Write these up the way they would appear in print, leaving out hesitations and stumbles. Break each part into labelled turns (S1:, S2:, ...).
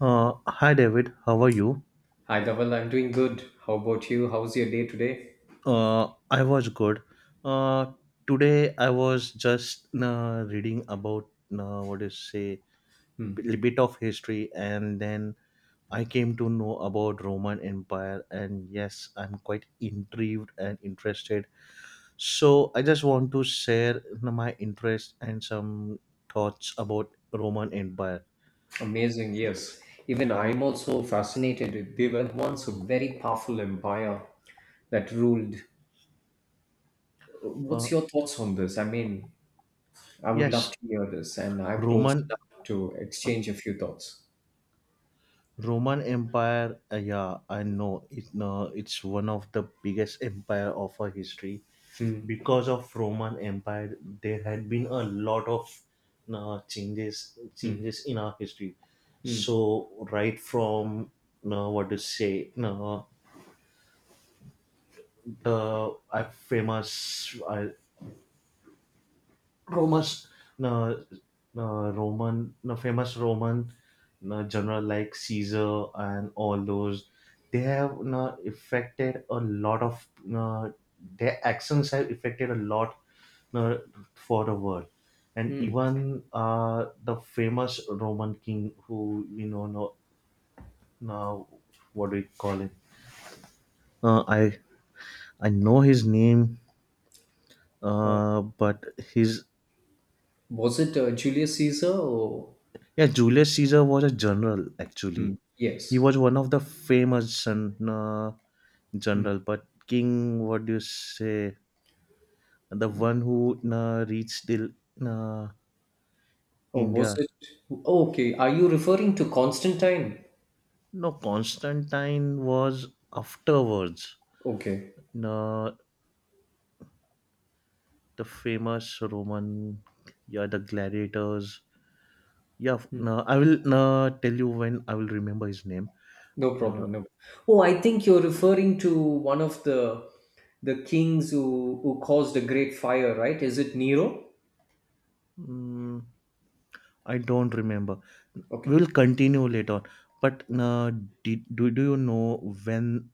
S1: Hi David, how are you?
S2: Hi, Dhaval. I'm doing good. How about you? How's your day today?
S1: I was good. Uh, Today I was just reading about what is say
S2: Hmm.
S1: a bit of history, and then I came to know about Roman Empire, and yes, I'm quite intrigued and interested. So I just want to share my interest and some thoughts about Roman Empire.
S2: Amazing, yes. Even I'm also fascinated. They were once a very powerful empire that ruled.
S1: Uh,
S2: What's your thoughts on this? I mean, I would love
S1: yes,
S2: to hear this, and I would also
S1: Roman
S2: love to exchange a few thoughts.
S1: Roman Empire, yeah, I know it. No, it's one of the biggest empire of our history.
S2: Hmm.
S1: Because of Roman Empire, there had been a lot of changes in our history.
S2: Hmm.
S1: So right from uh, what to say, uh, the famous Roma's uh, uh, famous Roman general like Caesar and all those, they have affected a lot of uh, their actions have affected a lot uh, for the world. And
S2: Hmm.
S1: even the famous Roman king, who you know now, what do we call him? Uh, I I know his name,
S2: Uh,
S1: but his.
S2: was it Julius Caesar or?
S1: Yeah, Julius Caesar was a general
S2: Hmm.
S1: actually. He
S2: Yes.
S1: was one of the famous general, but king, what do you say? The one who reached till uh,
S2: Or was
S1: India.
S2: it? Oh, okay. Are you referring to Constantine?
S1: No, Constantine was afterwards.
S2: Okay.
S1: No, the famous Roman, yeah, the gladiators. Yeah, no, I will tell you when I will remember his name.
S2: No
S1: Uh,
S2: problem. No. Oh, I think you're referring to one of the kings who caused a great fire, right? Is it Nero?
S1: mm, I don't remember. We'll
S2: Okay.
S1: continue later on. But do you know when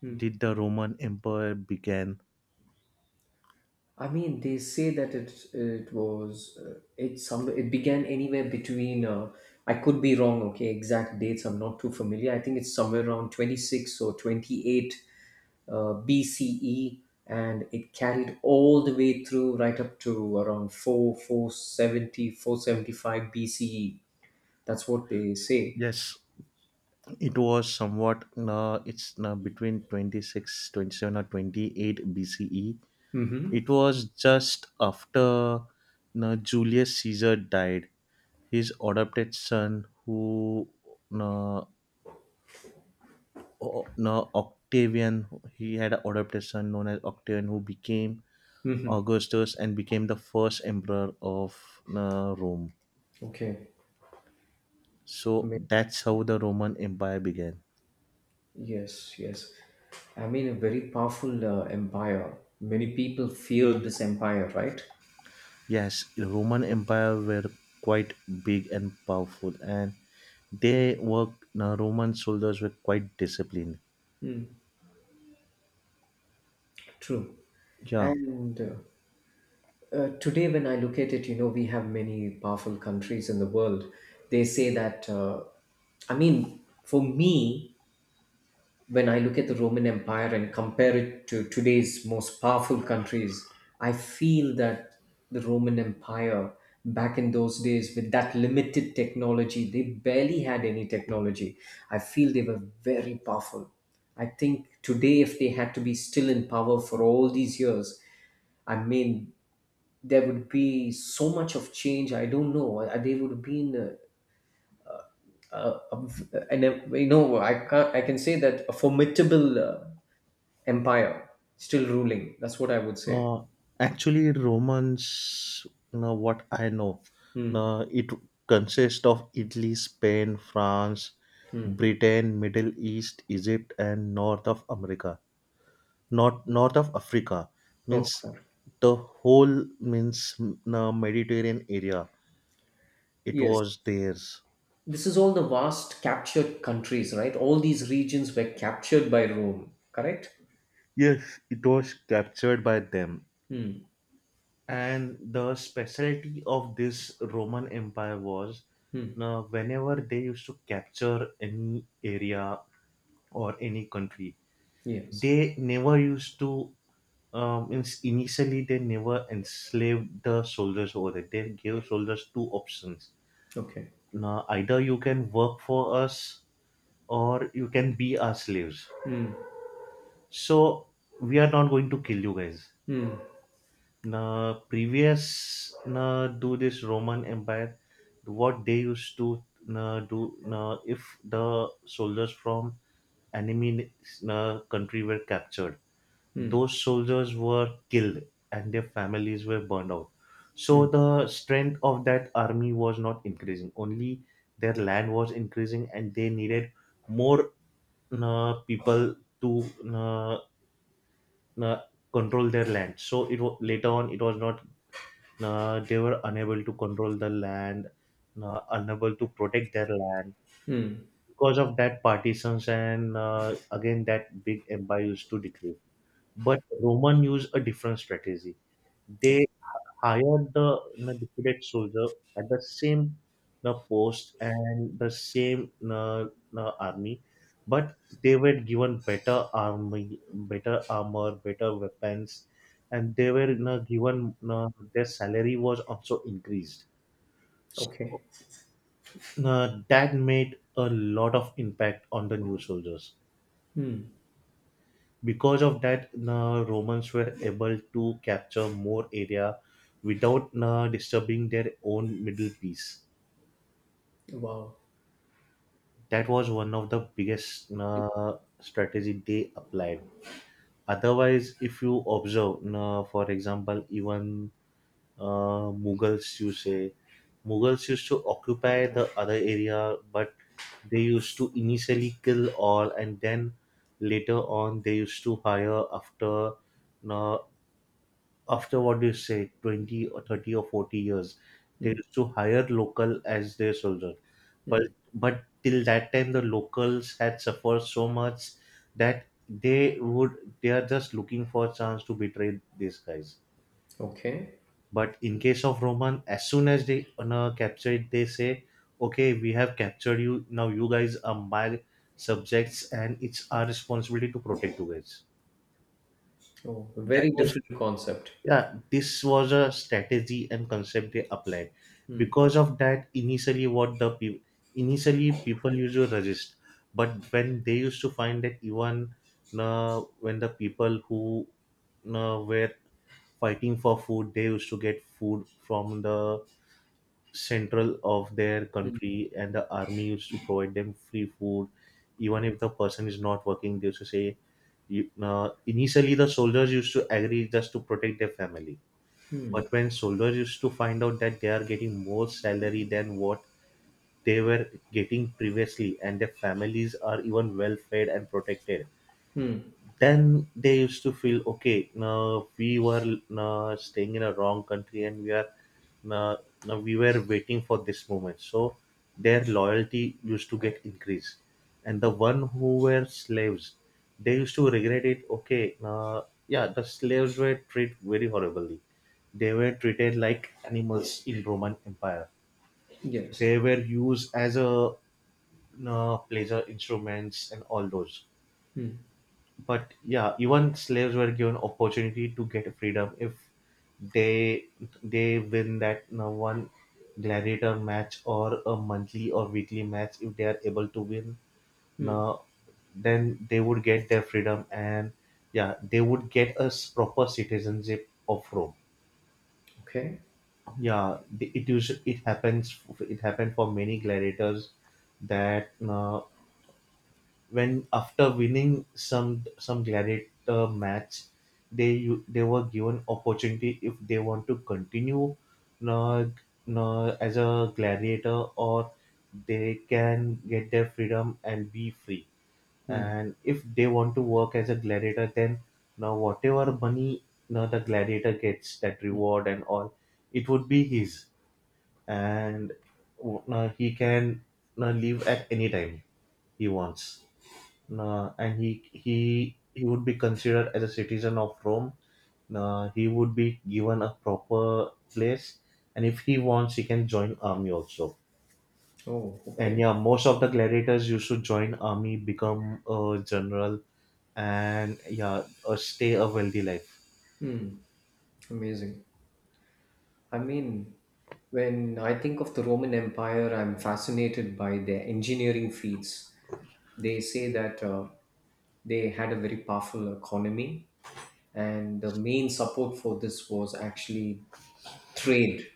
S2: Hmm.
S1: did the Roman Empire began?
S2: I mean, they say that it was it began anywhere between. I could be wrong. Okay, exact dates. I'm not too familiar. I think it's somewhere around 26 or 28 uh, BCE, and it carried all the way through right up to around 4 four seventy four seventy five BCE. That's what they say.
S1: Yes. It was somewhat, it's between 26, 27, or 28 BCE.
S2: Mm-hmm.
S1: It was just after Julius Caesar died. His adopted son, who uh, Octavian, he had an adopted son known as Octavian, who became
S2: Mm-hmm.
S1: Augustus and became the first emperor of Rome.
S2: Okay. I
S1: So
S2: mean,
S1: that's how the Roman Empire began.
S2: yes, yes. I mean, a very powerful empire. Many people feared this empire, right?
S1: Yes, the Roman Empire were quite big and powerful, and they worked. The Roman soldiers were quite disciplined.
S2: Mm. True.
S1: Yeah.
S2: And today, when I look at it, we have many powerful countries in the world. They say that, I mean, for me, when I look at the Roman Empire and compare it to today's most powerful countries, I feel that the Roman Empire back in those days, with that limited technology, they barely had any technology. I feel they were very powerful. I think today, if they had to be still in power for all these years, I mean, there would be so much of change. I don't know. They would have been, uh, uh, and I can not I can say that a formidable. Empire still ruling. That's what I would say.
S1: Uh, Actually, Romans, you know, what I know,
S2: Hmm.
S1: it consists of Italy, Spain, France, Britain, Middle East, Egypt, and North of America. North of Africa means
S2: North Africa.
S1: the whole means the Mediterranean area. It
S2: Yes.
S1: was theirs.
S2: This is all the vast captured countries, right? All these regions were captured by Rome, correct?
S1: Yes, it was captured by them.
S2: Hmm.
S1: And the specialty of this Roman Empire was,
S2: Hmm.
S1: now whenever they used to capture any area or any country,
S2: Yes.
S1: they never used to means initially they never enslaved the soldiers over there. They gave soldiers two options.
S2: Okay.
S1: Now, either you can work for us or you can be our slaves. So we are not going to kill you guys.
S2: Hmm.
S1: Now, previous now, do this Roman Empire, what they used to now, do now, if the soldiers from enemy now, country were captured,
S2: Hmm.
S1: those soldiers were killed and their families were burned out. So
S2: Hmm.
S1: the strength of that army was not increasing. Only their land was increasing, and they needed more people to uh, control their land. So it later on it was not they were unable to control the land, unable to protect their land
S2: Hmm.
S1: because of that partitions and again that big empire used to decrease. But Roman used a different strategy. They
S2: Okay.
S1: hired the defeated soldier at the same post and the same army, but they were given better army, better armor, better weapons, and they were given, their salary was also increased. So
S2: Okay.
S1: that made a lot of impact on the new soldiers.
S2: Hmm.
S1: Because of that the Romans were able to capture more area without disturbing their own middle piece.
S2: Wow.
S1: That was one of the biggest strategy they applied. Otherwise if you observe for example even Mughals, you say Mughals used to occupy the other area, but they used to initially kill all and then later on they used to hire after uh, after what do you say 20 or 30 or 40 years they used to hire local as their soldier. but
S2: Hmm.
S1: but till that time the locals had suffered so much that they would they are just looking for a chance to betray these guys.
S2: Okay.
S1: But in case of Roman, as soon as they gonna capture it they say, okay, we have captured you now, you guys are my subjects and it's our responsibility to protect you guys.
S2: Oh, a
S1: That
S2: very
S1: was,
S2: different concept.
S1: yeah, this was a strategy and concept they applied.
S2: Hmm.
S1: Because of that initially what the people, initially people used to resist, but when they used to find that even when the people who were fighting for food, they used to get food from the central of their
S2: Hmm.
S1: country and the army used to provide them free food even if the person is not working. They used to say, you, initially the soldiers used to agree just to protect their family,
S2: Hmm.
S1: but when soldiers used to find out that they are getting more salary than what they were getting previously, and their families are even well fed and protected,
S2: Hmm.
S1: then they used to feel okay, now we were now staying in a wrong country and we are now, now we were waiting for this moment. So their loyalty used to get increased. And the one who were slaves, they used to regret it. Okay, now, yeah, the slaves were treated very horribly, they were treated like animals in Roman Empire.
S2: Yes.
S1: They were used as a, pleasure instruments and all those,
S2: Hmm.
S1: but yeah, even slaves were given opportunity to get freedom if they they win that, one gladiator match or a monthly or weekly match. If they are able to win,
S2: Hmm.
S1: now then they would get their freedom and, yeah, they would get a proper citizenship of Rome.
S2: Okay.
S1: Yeah, it usually it happens. It happened for many gladiators that uh, when after winning some gladiator match, they they were given opportunity if they want to continue uh, as a gladiator, or they can get their freedom and be free,
S2: Hmm.
S1: and if they want to work as a gladiator then, now whatever money, now the gladiator gets that
S2: Hmm.
S1: reward and all, it would be his, and now he can now leave at any time he wants. And he would be considered as a citizen of Rome. He would be given a proper place, and if he wants, he can join army also.
S2: Oh,
S1: And
S2: okay.
S1: yeah, most of the gladiators used to join army, become a general, and yeah, stay a wealthy life.
S2: Hmm. Amazing. I mean, when I think of the Roman Empire, I'm fascinated by their engineering feats. They say that they had a very powerful economy, and the main support for this was actually trade.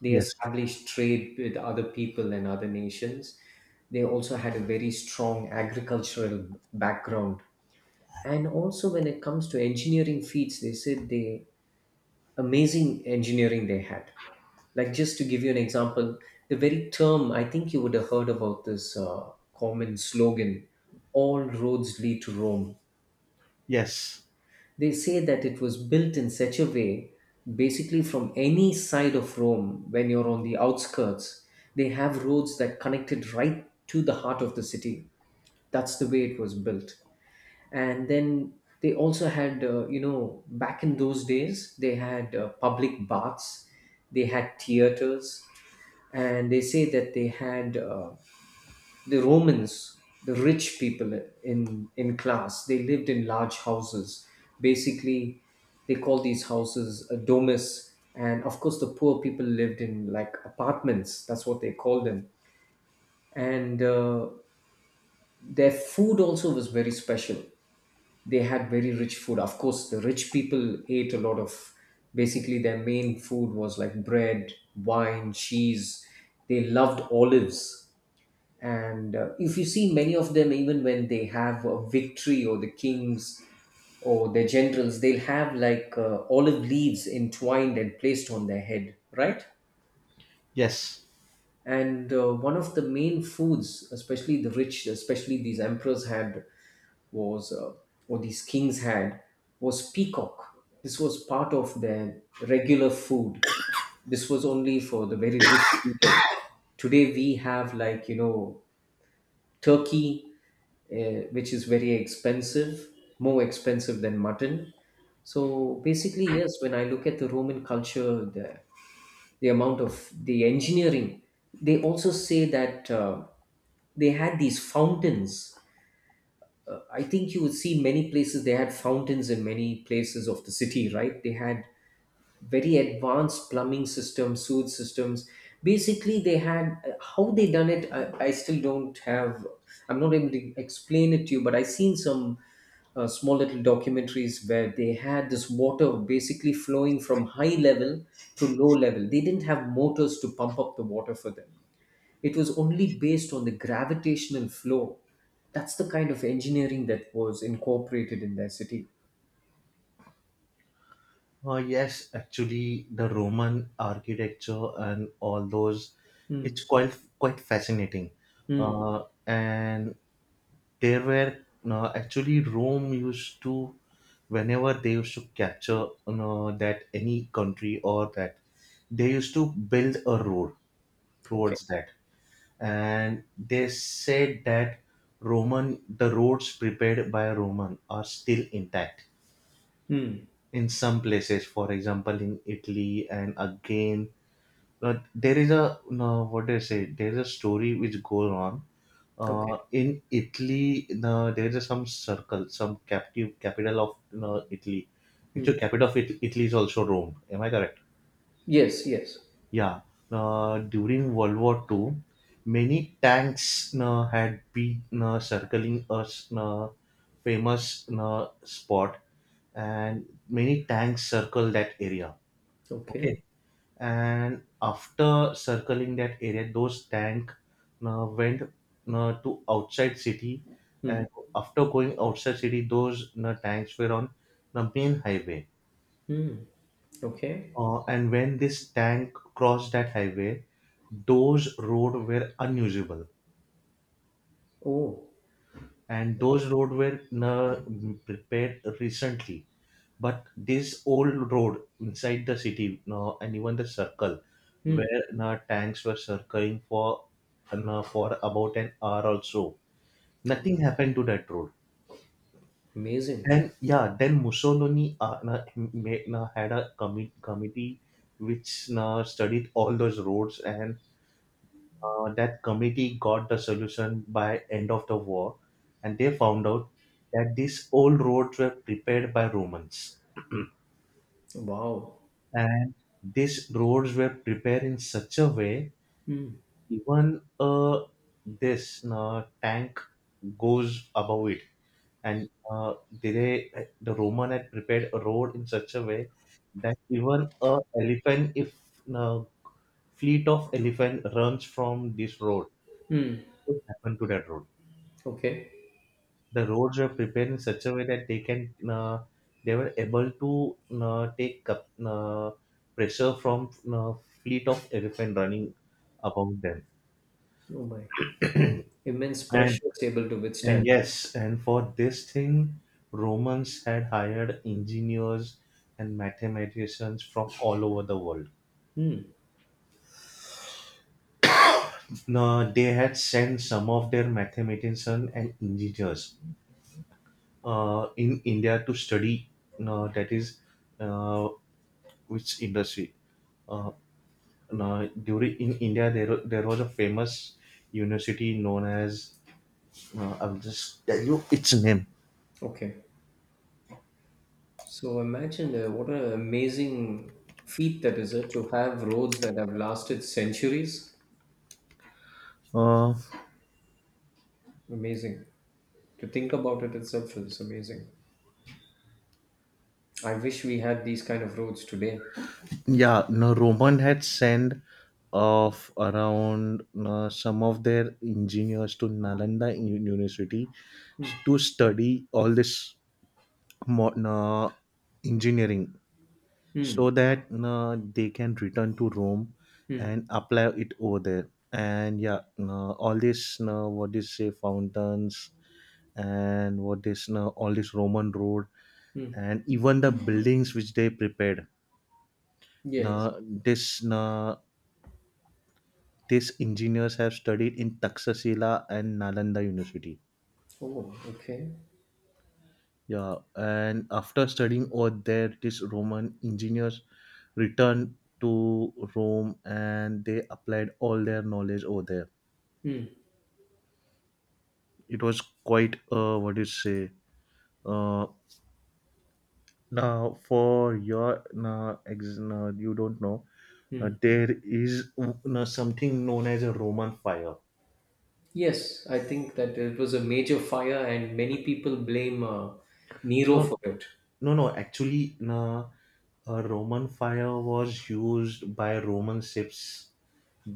S2: They
S1: Yes,
S2: established trade with other people and other nations. They also had a very strong agricultural background. And also, when it comes to engineering feats, they said they amazing engineering they had. Like, just to give you an example, the very term, I think you would have heard about this common slogan, "All roads lead to Rome."
S1: yes,
S2: They say that it was built in such a way, basically from any side of Rome, when you're on the outskirts, they have roads that connected right to the heart of the city. That's the way it was built. And then they also had back in those days they had public baths, they had theaters, and they say that they had the Romans, the rich people in class, they lived in large houses. Basically, they call these houses a domus, and of course, the poor people lived in like apartments, that's what they called them. And their food also was very special. They had very rich food. Of course, the rich people ate a lot of, basically, their main food was like bread, wine, cheese. They loved olives. And if you see many of them, even when they have a victory or the kings or their generals, they'll have like olive leaves entwined and placed on their head, right?
S1: yes.
S2: And one of the main foods, especially the rich, especially these emperors had, was or these kings had, was peacock. This was part of their regular food. This was only for the very rich people. Today we have like turkey, which is very expensive, more expensive than mutton. So basically, yes, when I look at the Roman culture, the amount of the engineering, they also say that they had these fountains. I think you would see many places they had fountains in many places of the city, right? They had very advanced plumbing systems, sewage systems. Basically, they had how they done it. I still don't have. I'm not able to explain it to you, but I seen some small little documentaries where they had this water basically flowing from high level to low level. They didn't have motors to pump up the water for them. It was only based on the gravitational flow. That's the kind of engineering that was incorporated in their city.
S1: Yes, actually, the Roman architecture and all those,
S2: Hmm.
S1: it's quite fascinating.
S2: Hmm.
S1: And there were actually Rome used to, whenever they used to capture that any country or that, they used to build a road
S2: Okay.
S1: towards that. And they said that Roman, the roads prepared by Roman are still intact
S2: Hmm.
S1: in some places, for example in Italy. And again, but there is a, no, what do you say, there is a story which goes on.
S2: Okay.
S1: In Italy, the, there is some circle, some captive capital of, Italy.
S2: Hmm.
S1: Actually, capital of Italy is also Rome. Am I correct?
S2: Yes. Yes.
S1: Yeah. During World War Two, many tanks had been circling a famous spot, and many tanks circled that area. Okay,
S2: Okay.
S1: and after circling that area those tank went to outside city.
S2: Hmm.
S1: And after going outside city, those tanks were on the main highway.
S2: Hmm. Okay.
S1: And when this tank crossed that highway, those road were unusable,
S2: Oh.
S1: and
S2: Okay.
S1: those road were prepared recently. But this old road inside the city no, and even the circle
S2: Hmm.
S1: where no, tanks were circling for no, for about an hour or so, nothing
S2: Okay.
S1: happened to that road.
S2: Amazing.
S1: And yeah, then Mussolini, no, ma- no, had a committee which na studied all those roads, and that committee got the solution by end of the war, and they found out that these old roads were prepared by Romans.
S2: Wow.
S1: And these roads were prepared in such a way,
S2: Hmm.
S1: even this tank goes above it. And they, the Roman had prepared a road in such a way that even a elephant, if uh, fleet of elephant runs from this road,
S2: Hmm.
S1: what happened to that road.
S2: Okay.
S1: The roads were prepared in such a way that they can they were able to take up pressure from fleet of elephant running above them.
S2: Oh my. Immense
S1: and
S2: pressure is able to
S1: and
S2: withstand.
S1: yes, and for this thing Romans had hired engineers and mathematicians from all over the world.
S2: Hmm.
S1: Now they had sent some of their mathematicians and engineers in India to study that is, uh, which industry. Uh, Now, during in India, there was a famous university known as, I'll just tell you its name.
S2: Okay. So imagine what an amazing feat that is it to have roads that have lasted centuries.
S1: Uh,
S2: Amazing. To think about it itself is amazing. I wish we had these kind of roads today.
S1: yeah, no, Roman had sent of around some of their engineers to Nalanda University to study all this mo- uh, engineering so
S2: Hmm.
S1: that they can return to Rome
S2: Hmm.
S1: and apply it over there. And yeah, all these what do you say fountains and what this now all this Roman road
S2: Hmm.
S1: and even the buildings which they prepared
S2: Yes.
S1: now this now these engineers have studied in Taxasila and Nalanda University.
S2: Oh, okay.
S1: Yeah, and after studying over there, these Roman engineers returned to Rome and they applied all their knowledge over there.
S2: Hmm.
S1: It was quite what do you say uh, Now, for your now, ex, now, you don't know, now,
S2: Hmm.
S1: there is now, something known as a Roman fire.
S2: Yes, I think that it was a major fire and many people blame Nero
S1: No,
S2: for it.
S1: no, no. Actually, now, a Roman fire was used by Roman ships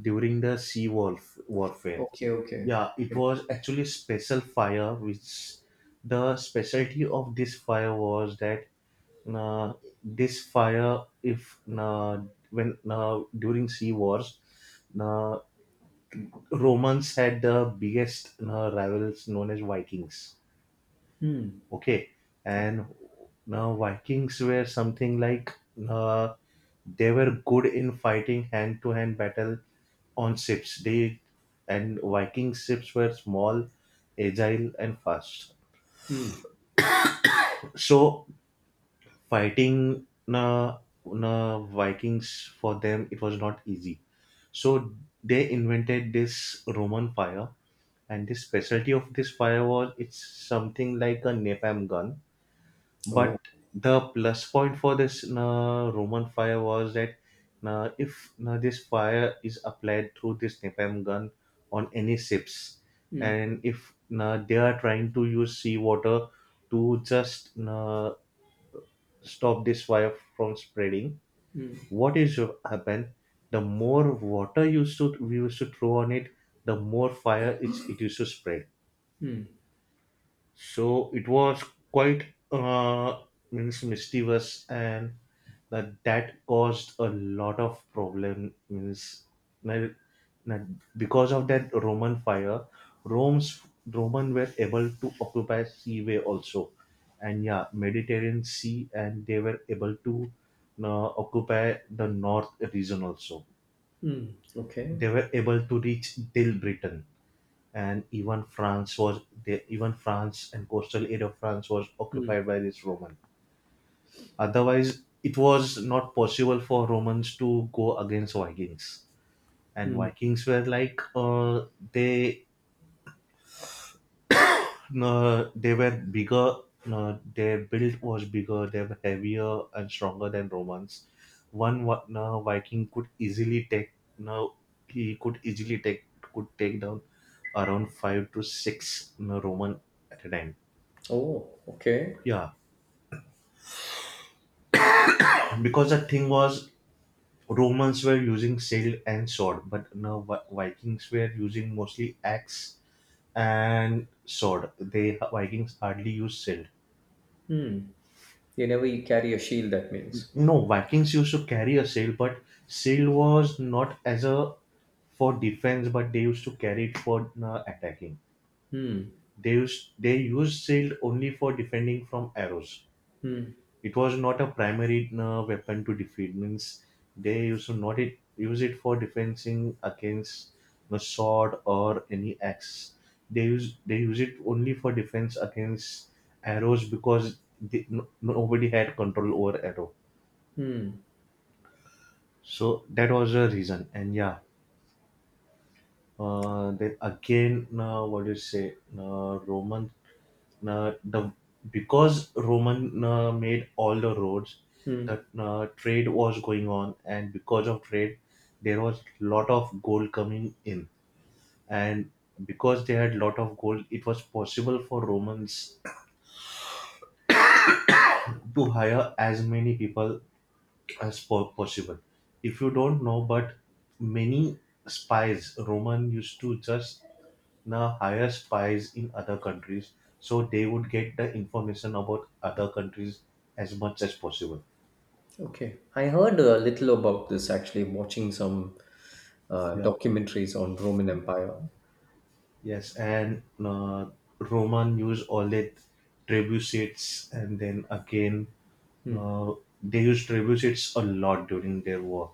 S1: during the warfare.
S2: Okay, okay.
S1: Yeah, it
S2: Okay.
S1: was actually a special fire, which the specialty of this fire was that uh, this fire, if when during sea wars, uh, Romans had the biggest rivals known as Vikings. Okay, and now Vikings were something like uh, they were good in fighting hand to hand battle on ships. They and Viking ships were small, agile, and fast.
S2: Hmm.
S1: So fighting na, na Vikings for them it was not easy. So they invented this Roman fire, and the specialty of this fire was it's something like a napalm gun. But
S2: Oh.
S1: the plus point for this Roman fire was that if this fire is applied through this napalm gun on any ships,
S2: Hmm.
S1: and if they are trying to use seawater to just stop this fire from spreading,
S2: Hmm.
S1: what is to happen? The more water used to we used to throw on it, the more fire it used to spread.
S2: Hmm.
S1: So it was quite uh, means mischievous, and that caused a lot of problem. Means na- na- because of that Roman fire, Rome's Roman were able to occupy seaway also, and yeah, Mediterranean Sea, and they were able to occupy the north region also.
S2: Hmm. Okay.
S1: They were able to reach till Britain, and even even France and coastal area of France was
S2: Hmm.
S1: occupied by this Roman. Otherwise, it was not possible for Romans to go against Vikings. And
S2: Hmm.
S1: Vikings were like they they were bigger. Their build was bigger. They were heavier and stronger than Romans. One Viking could easily take now he could take down around five to six you Roman at a time.
S2: Oh, okay.
S1: Yeah, because the thing was Romans were using sail and sword, but now Vikings were using mostly axe and sword. They Vikings hardly used sail.
S2: Hmm. You never carry a shield, that means.
S1: No, Vikings used to carry a sail, but sail was not as a for defense, but they used to carry it for attacking.
S2: Hmm.
S1: They used sail only for defending from arrows.
S2: Hmm.
S1: It was not a primary weapon to defeat. Means they used to not it use it for defending against the sword or any axe. They use it only for defense against arrows because no, nobody had control over arrow.
S2: Hmm.
S1: So that was a reason. And yeah, then again what do you say roman the because Roman made all the roads,
S2: Hmm.
S1: that trade was going on, and because of trade, there was lot of gold coming in, and because they had lot of gold, it was possible for Romans to hire as many people as possible. If you don't know, but many spies Roman used to just the hire spies in other countries so they would get the information about other countries as much as possible.
S2: Okay. I heard a little about this actually, watching some
S1: Yeah.
S2: documentaries on Roman Empire.
S1: Yes, and Roman use all that trebuchets, and then again uh, they use trebuchets a lot during their war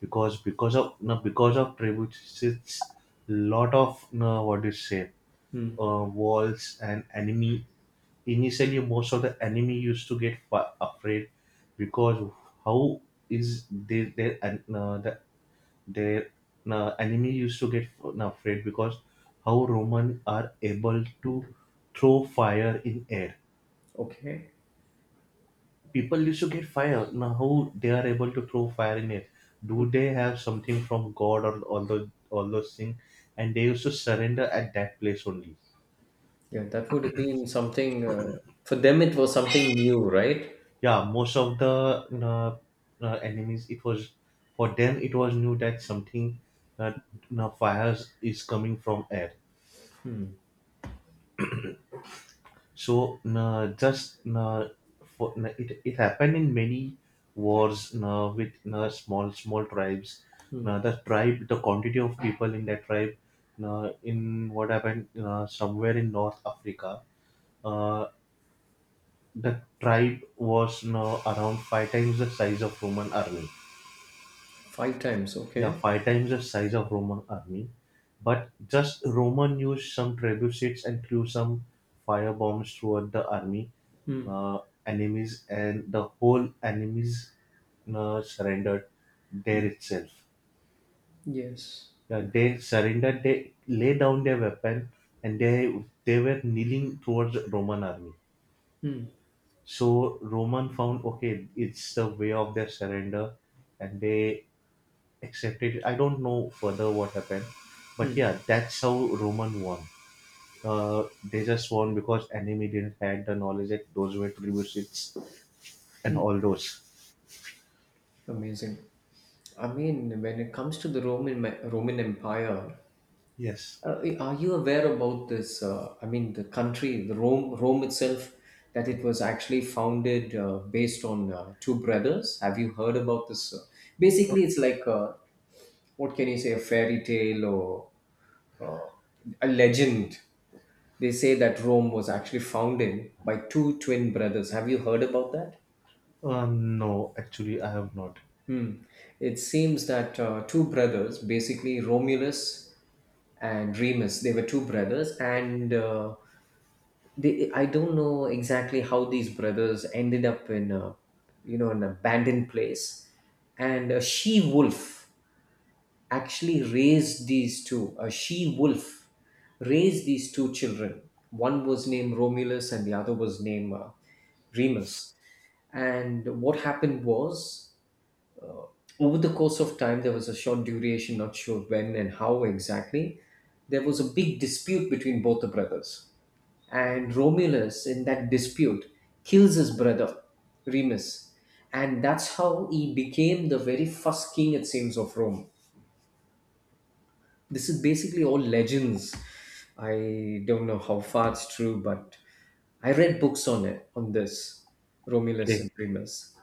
S1: because of no, because of trebuchets, lot of no, what do you say walls and enemy initially most of the enemy used to get afraid because how is they their an- the, their enemy used to get afraid because how Roman are able to throw fire in air.
S2: Okay.
S1: People used to get fire. Now how they are able to throw fire in air? Do they have something from god, or all those, all those things? And they used to surrender at that place only.
S2: Yeah, that would have been something for them. It was something new, right?
S1: Yeah, most of the uh, enemies it was for them it was new that something uh, fires is coming from air. So it happened in many wars with small small tribes. The tribe the quantity of people in that tribe in what happened somewhere in north Africa. uh, the tribe was around five times the size of Roman army.
S2: Five times.
S1: Yeah,
S2: Okay.
S1: five times the size of Roman army, but just Roman used some trebuchets and threw some firebombs toward the army,
S2: Hmm.
S1: uh, enemies, and the whole enemies surrendered there itself.
S2: Yes.
S1: Yeah, they
S2: Okay.
S1: surrendered. They lay down their weapon, and they were kneeling towards Roman army. So Roman found okay, it's the way of their surrender, and they accepted it. I don't know further what happened, but
S2: Hmm.
S1: yeah, that's how Roman won. They just won because enemy didn't had the knowledge that those were tributes and all those.
S2: Amazing. I mean, when it comes to the Roman Empire,
S1: Yes.
S2: Are you aware about this? I mean, the country, the Rome itself, that it was actually founded based on two brothers. Have you heard about this? Basically, it's like what can you say, a fairy tale or uh, a legend. They say that Rome was actually founded by two twin brothers. Have you heard about that?
S1: No, actually, I have not.
S2: Hmm. It seems that two brothers, basically Romulus and Remus, they were two brothers, and they, I don't know exactly how these brothers ended up in a, an abandoned place, and a she wolf actually raised these two, a she wolf raised these two children. One was named Romulus and the other was named Remus. And what happened was, over the course of time, there was a short duration, not sure when and how exactly, there was a big dispute between both the brothers. And Romulus, in that dispute, kills his brother, Remus. And that's how he became the very first king, it seems, of Rome. This is basically all legends. I don't know how far it's true, but I read books on it, on this, Romulus
S1: Okay.
S2: and Remus.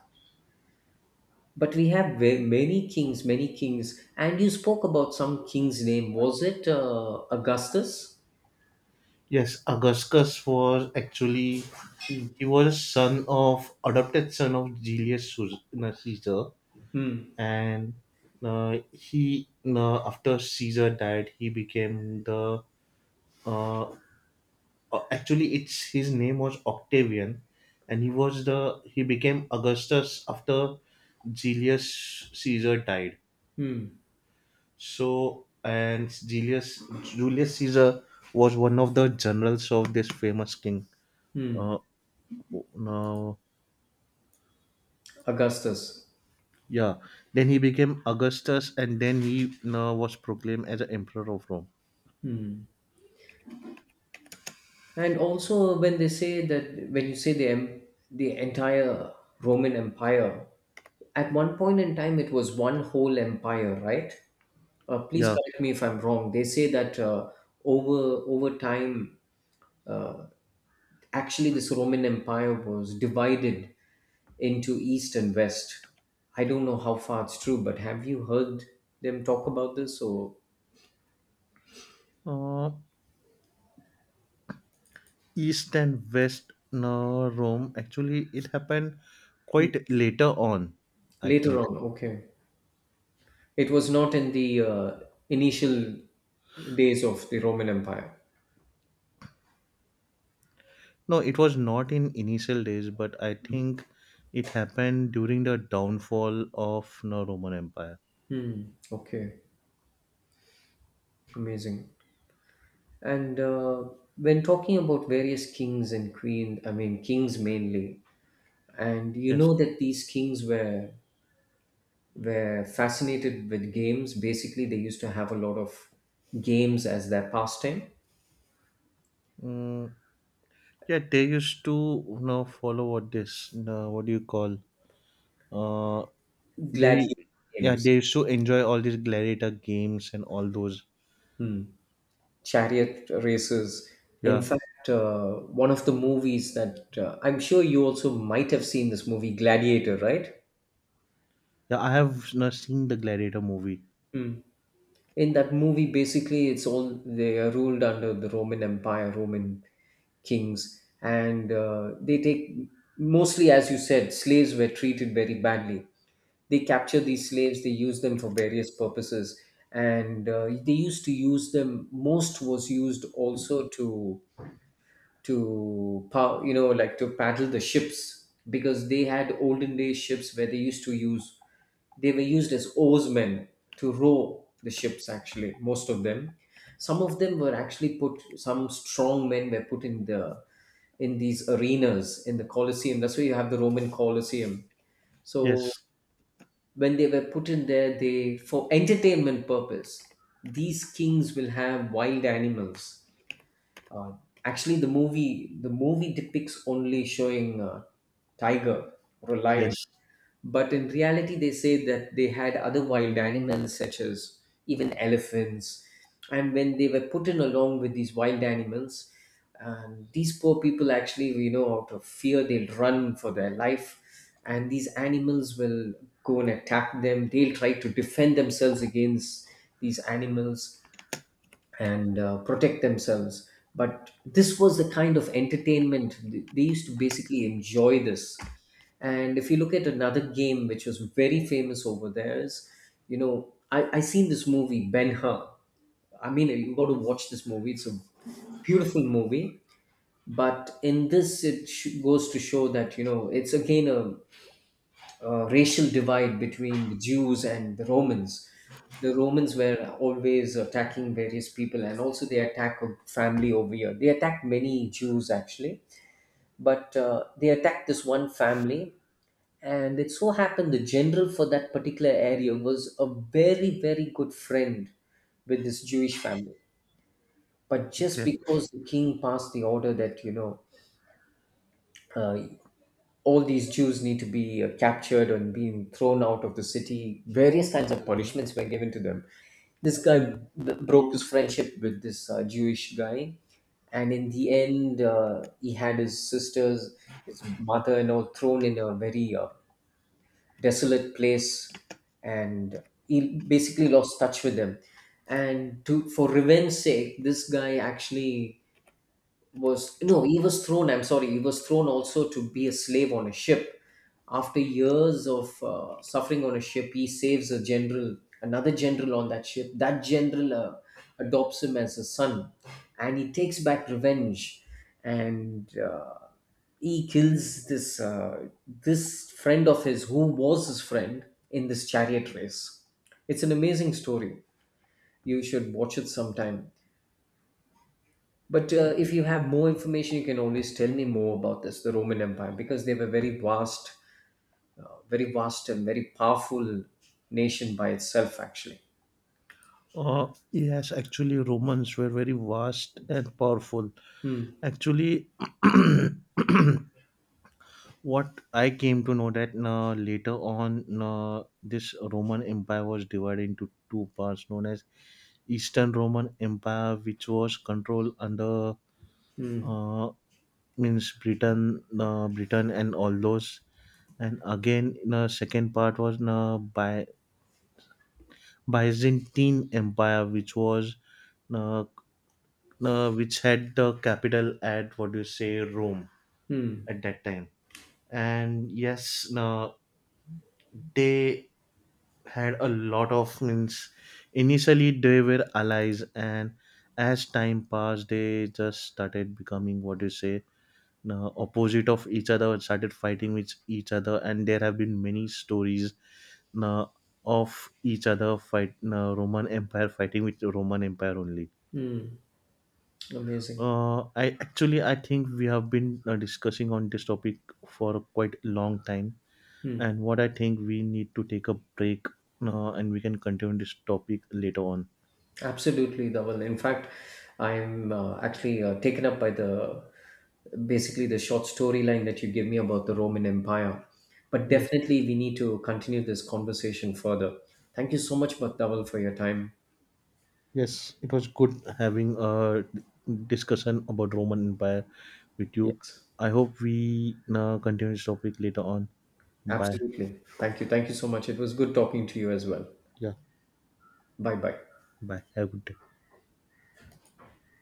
S2: But we have many kings, many kings. And you spoke about some king's name. Was it Augustus?
S1: Yes, Augustus was actually
S2: Hmm.
S1: he was son of adopted son of Julius Caesar,
S2: Hmm.
S1: and he no, after Caesar died, he became the uh, actually it's his name was Octavian and he was the he became Augustus after Julius Caesar died.
S2: Hmm.
S1: So and Julius Caesar was one of the generals of this famous king. Uh,
S2: Hmm.
S1: now
S2: Augustus.
S1: Yeah, then he became Augustus and then he was proclaimed as the emperor of Rome.
S2: And also, when they say that, when you say the the entire Roman Empire, at one point in time it was one whole empire, right? Please
S1: Yeah.
S2: correct me if I'm wrong. They say that over time, uh, actually, this Roman Empire was divided into East and West. I don't know how far it's true, but have you heard them talk about this, or
S1: uh, East and west, no, Rome actually it happened quite later on, I
S2: later
S1: think.
S2: on? Okay. It was not in the initial days of the Roman Empire.
S1: No, it was not in initial days, but I think it happened during the downfall of the Roman Empire.
S2: Hmm. Okay. Amazing. And when talking about various kings and queens, I mean, kings mainly, and you
S1: Yes.
S2: know that these kings were fascinated with games. Basically, they used to have a lot of games as their pastime.
S1: Mm, yeah, they used to you know, follow what this, what do you call? Uh, they,
S2: Gladiator
S1: yeah,
S2: games,
S1: they used to enjoy all these gladiator games and all those.
S2: hmm, chariot races. In
S1: Yeah,
S2: fact, one of the movies that I'm sure you also might have seen this movie, Gladiator, right?
S1: yeah, I have you know, seen the Gladiator movie.
S2: Mm. In that movie, basically, it's all they are ruled under the Roman Empire, Roman kings, and they take, mostly, as you said, slaves were treated very badly. They capture these slaves, they use them for various purposes. And they used to use them, most was used also to, you know, like, to paddle the ships, because they had olden days ships where they used to use. They were used as oarsmen to row the ships, actually. Most of them, some of them were actually put, some strong men were put in the, in these arenas in the Colosseum. That's why you have the Roman Colosseum. So
S1: Yes,
S2: when they were put in there, they, for entertainment purpose, these kings will have wild animals. uh, Actually, the movie, the movie depicts only showing a tiger or a lion.
S1: yes.
S2: But in reality, they say that they had other wild animals, such as even elephants. And when they were put in along with these wild animals, and these poor people actually, out of fear, they'll run for their life. And these animals will go and attack them. They'll try to defend themselves against these animals, and protect themselves. But this was the kind of entertainment they used to basically enjoy this. And if you look at another game which was very famous over there is, I seen this movie, Ben Hur. I mean, you got to watch this movie. It's a beautiful movie. But in this, it goes to show that, it's again a racial divide between the Jews and the Romans. The Romans were always attacking various people, and also they attack a family over here. They attacked many Jews, actually, but they attacked this one family. And it so happened the general for that particular area was a very, very good friend with this Jewish family. But just
S1: Okay.
S2: because the king passed the order that, uh, all these Jews need to be captured and being thrown out of the city. Various kinds of punishments were given to them. This guy broke his friendship with this Jewish guy, and in the end, he had his sisters, his mother, and all thrown in a very desolate place, and he basically lost touch with them. And to, for revenge sake, this guy actually was, no, he was thrown, I'm sorry, he was thrown also to be a slave on a ship. After years of suffering on a ship, he saves a general, another general on that ship. That general adopts him as a son, and he takes back revenge. And he kills this this friend of his who was his friend in this chariot race. It's an amazing story. You should watch it sometime. But if you have more information, you can always tell me more about this, the Roman Empire, because they were very vast, very vast, and very powerful nation by itself, actually.
S1: Yes, actually, Romans were very vast and powerful.
S2: Hmm,
S1: Actually, what I came to know that later on, this Roman Empire was divided into two parts, known as Eastern Roman Empire, which was controlled under
S2: hmm,
S1: uh, means Britain, and all those. And again, the second part was by Byzantine Empire, which was uh, which had the capital at what do you say Rome
S2: hmm,
S1: at that time. And yes, they had a lot of means initially they were allies and as time passed they just started becoming what do you say opposite of each other and started fighting with each other, and there have been many stories uh, of each other fight Roman empire fighting with Roman empire only.
S2: hmm. Amazing.
S1: I Actually, I think we have been discussing on this topic for quite a long time,
S2: Hmm.
S1: and what I think we need to take a break and we can continue this topic later on.
S2: Absolutely, Dhaval. In fact, I'm actually taken up by the, basically the short storyline that you give me about the Roman Empire. But
S1: Yes.
S2: definitely, we need to continue this conversation further. Thank you so much, Bhaktaval, for your time.
S1: Yes. It was good having a discussion about Roman Empire with you.
S2: Yes.
S1: I hope we continue this topic later on. Bye.
S2: Absolutely. Thank you. Thank you so much. It was good talking to you as well.
S1: Yeah.
S2: Bye bye.
S1: Bye. Have a good day.